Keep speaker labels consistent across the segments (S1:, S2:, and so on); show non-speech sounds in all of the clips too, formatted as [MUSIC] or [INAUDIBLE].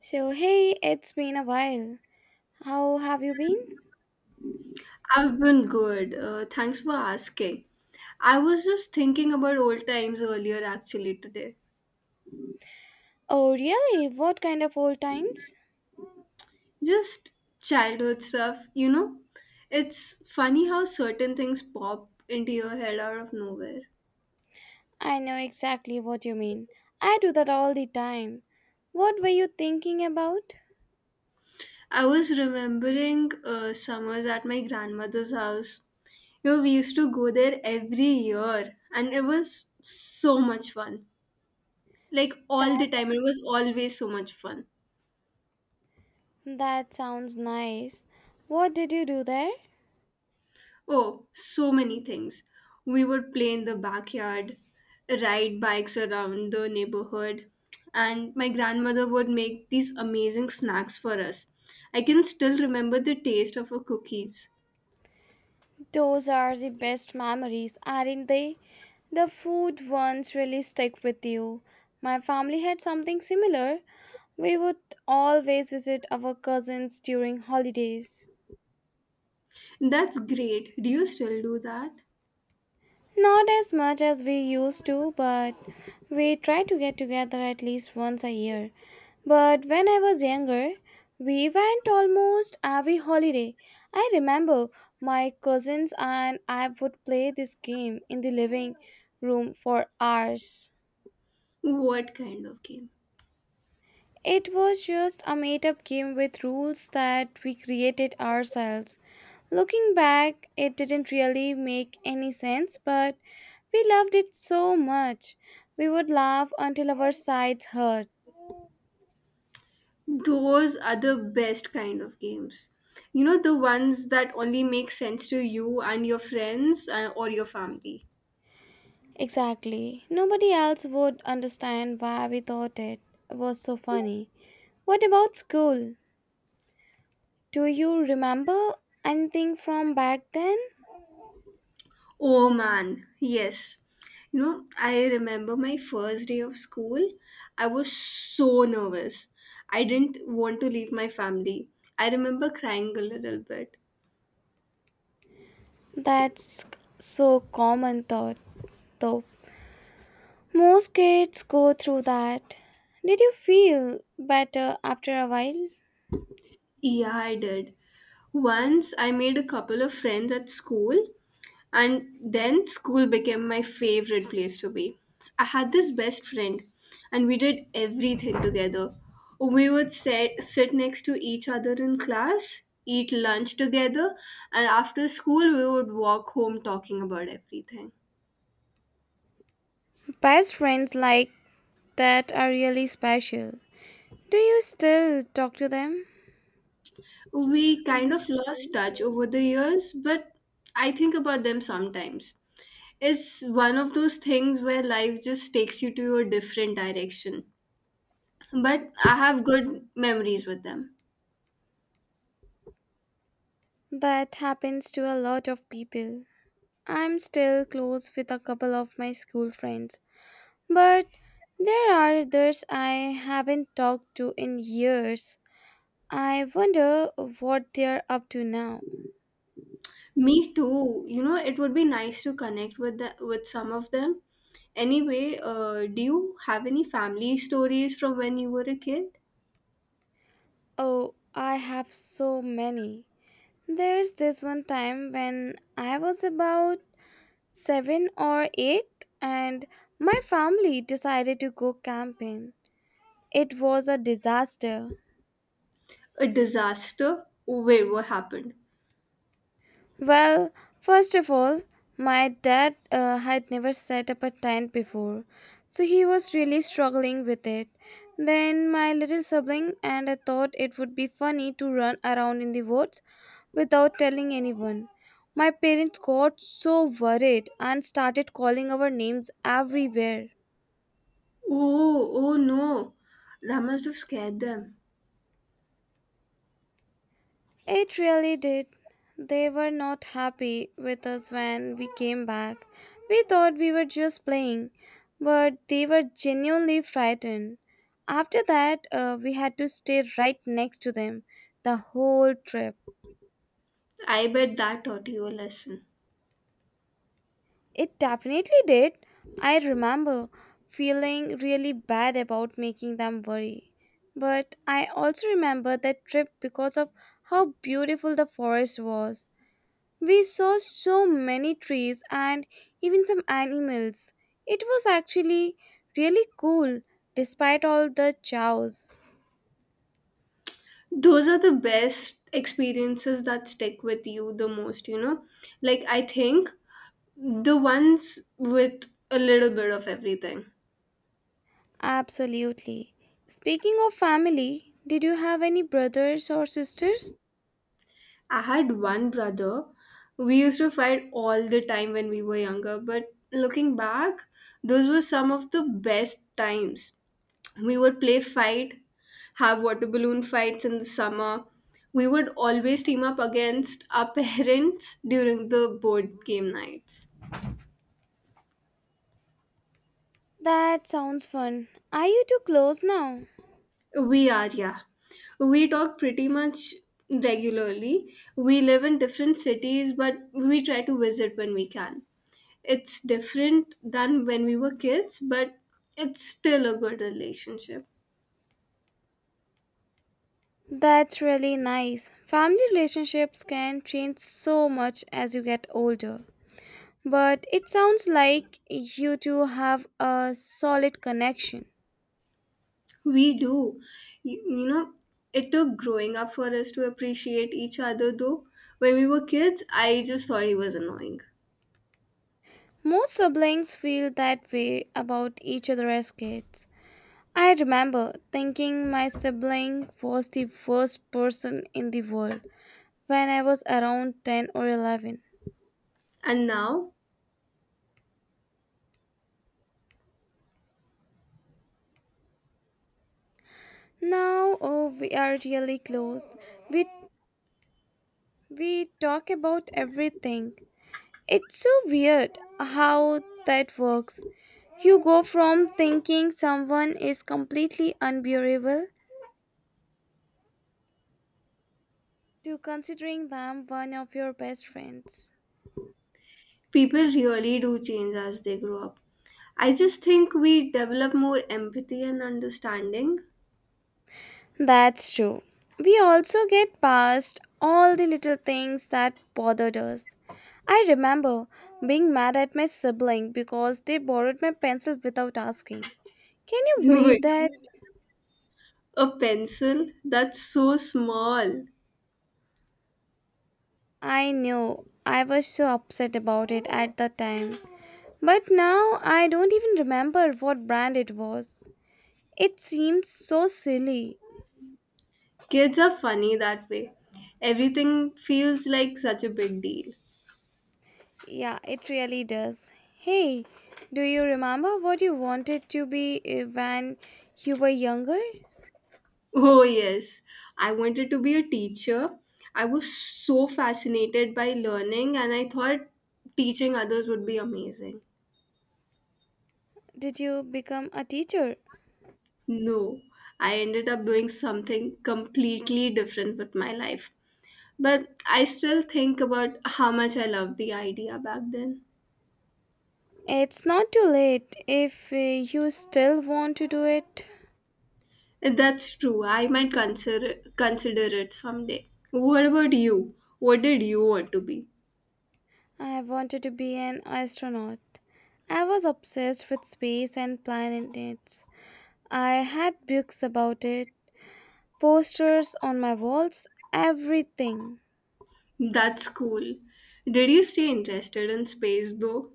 S1: So, hey, it's been a while. How have you been?
S2: I've been good. Thanks for asking. I was just thinking about old times earlier actually today.
S1: Oh, really? What kind of old times?
S2: Just childhood stuff, you know? It's funny how certain things pop into your head out of nowhere.
S1: I know exactly what you mean. I do that all the time. What were you thinking about?
S2: I was remembering summers at my grandmother's house. You know, we used to go there every year and it was so much fun. Like
S1: That
S2: all the time, it was always so much fun.
S1: that sounds nice. What did you do there?
S2: Oh, so many things. We would play in the backyard, ride bikes around the neighborhood, and my grandmother would make these amazing snacks for us. I can still remember the taste of her cookies.
S1: Those are the best memories, aren't they? The food ones really stick with you. My family had something similar. We would always visit our cousins during holidays.
S2: That's great. Do you still do that?
S1: Not as much as we used to, but we try to get together at least once a year. But when I was younger, we went almost every holiday. I remember my cousins and I would play this game in the living room for hours.
S2: What kind of game?
S1: It was just a made up game with rules that we created ourselves. Looking back, it didn't really make any sense, but we loved it so much. We would laugh until our sides hurt.
S2: Those are the best kind of games. You know, the ones that only make sense to you and your friends or your family.
S1: Exactly. Nobody else would understand why we thought it was so funny. What about school? Do you remember anything from back then?
S2: Oh man, yes. You know, I remember my first day of school. I was so nervous. I didn't want to leave my family. I remember crying a little bit.
S1: That's so common thought, though. Most kids go through that. Did you feel better after a while?
S2: Yeah, I did. Once I made a couple of friends at school, and then school became my favorite place to be. I had this best friend, and we did everything together. We would sit next to each other in class, eat lunch together, and after school, we would walk home talking about everything.
S1: Best friends like that are really special. Do you still talk to them?
S2: We kind
S1: We-
S2: of lost touch over the years, but I think about them sometimes. It's one of those things where life just takes you to a different direction, but I have good memories with them.
S1: That happens to a lot of people. I'm still close with a couple of my school friends, but there are others I haven't talked to in years. I wonder what they're up to now.
S2: Me too. You know, it would be nice to connect with some of them. Anyway, do you have any family stories from when you were a kid?
S1: Oh, I have so many. There's this one time when I was about seven or eight, and my family decided to go camping. It was a disaster.
S2: A disaster? Oh, wait, what happened?
S1: Well, first of all, my dad had never set up a tent before, so he was really struggling with it. Then my little sibling and I thought it would be funny to run around in the woods without telling anyone. My parents got so worried and started calling our names everywhere.
S2: Oh, oh no. That must have scared them.
S1: It really did. They were not happy with us when we came back. We thought we were just playing, but they were genuinely frightened. After that, we had to stay right next to them the whole trip.
S2: I bet that taught you a lesson.
S1: It definitely did. I remember feeling really bad about making them worry. But I also remember that trip because of how beautiful the forest was. We saw so many trees and even some animals. It was actually really cool despite all the chows.
S2: Those are the best experiences that stick with you the most, you know? Like, I think the ones with a little bit of everything.
S1: Absolutely. Speaking of family, did you have any brothers or sisters?
S2: I had one brother. We used to fight all the time when we were younger, but looking back, those were some of the best times. We would play fight, have water balloon fights in the summer. We would always team up against our [LAUGHS] parents during the board game nights.
S1: That sounds fun. Are you too close now?
S2: We are, yeah. We talk pretty much regularly. We live in different cities, but we try to visit when we can. It's different than when we were kids, but it's still a good relationship.
S1: That's really nice. Family relationships can change so much as you get older. But it sounds like you two have a solid connection.
S2: We do. You know, it took growing up for us to appreciate each other, though. When we were kids, I just thought he was annoying.
S1: Most siblings feel that way about each other as kids. I remember thinking my sibling was the worst person in the world when I was around 10 or 11.
S2: And now,
S1: Now, oh, we are really close. We, we talk about everything. It's so weird how that works. You go from thinking someone is completely unbearable to considering them one of your best friends.
S2: people really do change as they grow up. I just think we develop more empathy and understanding.
S1: That's true. We also get past all the little things that bothered us. I remember being mad at my sibling because they borrowed my pencil without asking. Can
S2: [LAUGHS]
S1: you believe
S2: With
S1: that?
S2: a pencil that's so small.
S1: I know. I was so upset about it at the time. But now I don't even remember what brand it was. It seems so silly.
S2: Kids are funny that way. Everything feels like such a big deal.
S1: Yeah, it really does. Hey, do you remember what you wanted to be when you were younger?
S2: Oh, yes. I wanted to be a teacher. I was so fascinated by learning and I thought teaching others would be amazing.
S1: Did you become a teacher?
S2: No, I ended up doing something completely different with my life. But I still think about how much I loved the idea back then.
S1: It's not too late if you still want to do it.
S2: That's true. I might consider it someday. What about you? What did you want to be?
S1: I wanted to be an astronaut. I was obsessed with space and planets. I had books about it, posters on my walls, everything.
S2: That's cool. Did you stay interested in space though?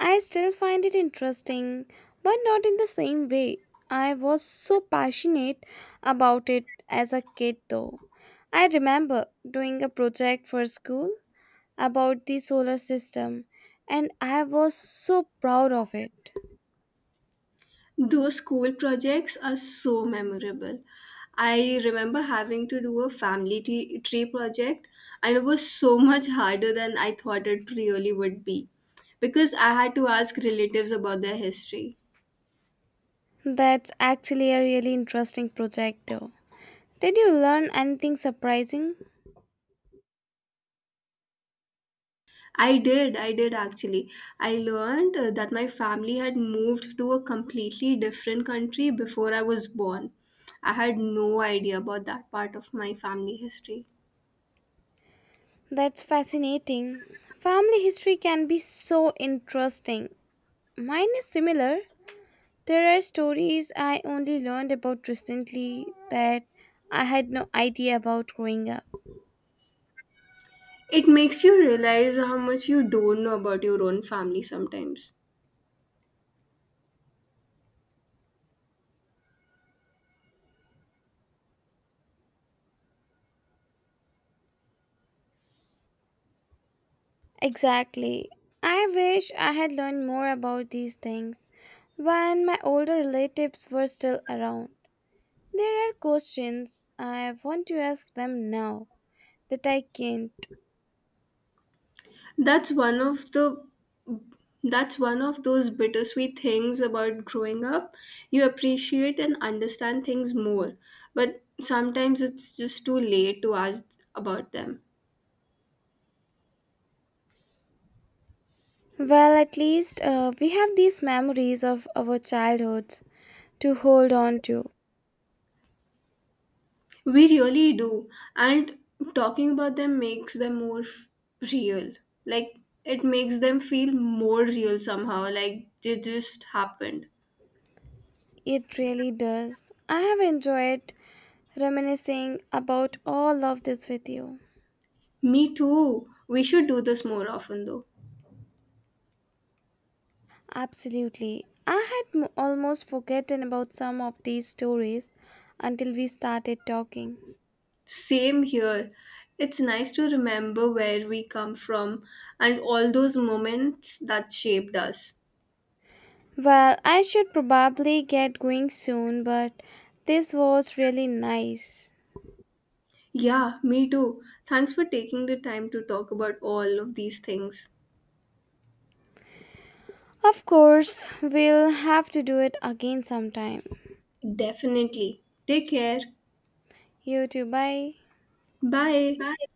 S1: I still find it interesting, but not in the same way. I was so passionate about it as a kid, though. I remember doing a project for school about the solar system and I was so proud of it.
S2: Those school projects are so memorable. I remember having to do a family tree project, and it was so [LAUGHS] much harder than I thought it really would be because I had to ask relatives about their history.
S1: That's actually a really interesting project though. Did you learn anything surprising?
S2: I did actually. I learned that my family had moved to a completely different country before I was born. I had no idea about that part of my family history.
S1: That's fascinating. Family history can be so interesting. Mine is similar. There are stories I only learned about recently that I had no idea about growing up.
S2: It makes you realize how much you don't know about your own family sometimes.
S1: Exactly. I wish I had learned more about these things when my older relatives were still around. There are questions I want to ask them now that I can't.
S2: That's one of the that's one of those bittersweet things about growing up. You appreciate and understand things more, but sometimes it's just too late to ask about them.
S1: Well, at least we have these memories of our childhoods to hold on to.
S2: We really do, and talking about them makes them more f- real. Like it makes them feel more real somehow, like they just happened.
S1: It really does. I have enjoyed reminiscing about all of this with you.
S2: Me too. We should do this more often though.
S1: Absolutely. I almost forgotten about some of these stories until we started talking.
S2: Same here. It's nice to remember where we come from and all those moments that shaped us.
S1: Well, I should probably get going soon, but this was really nice.
S2: Yeah, me too. Thanks for taking the time to talk about all of these things.
S1: Of course, we'll have to do it again sometime.
S2: Definitely. Take care.
S1: You too, bye.
S2: Bye.
S1: Bye.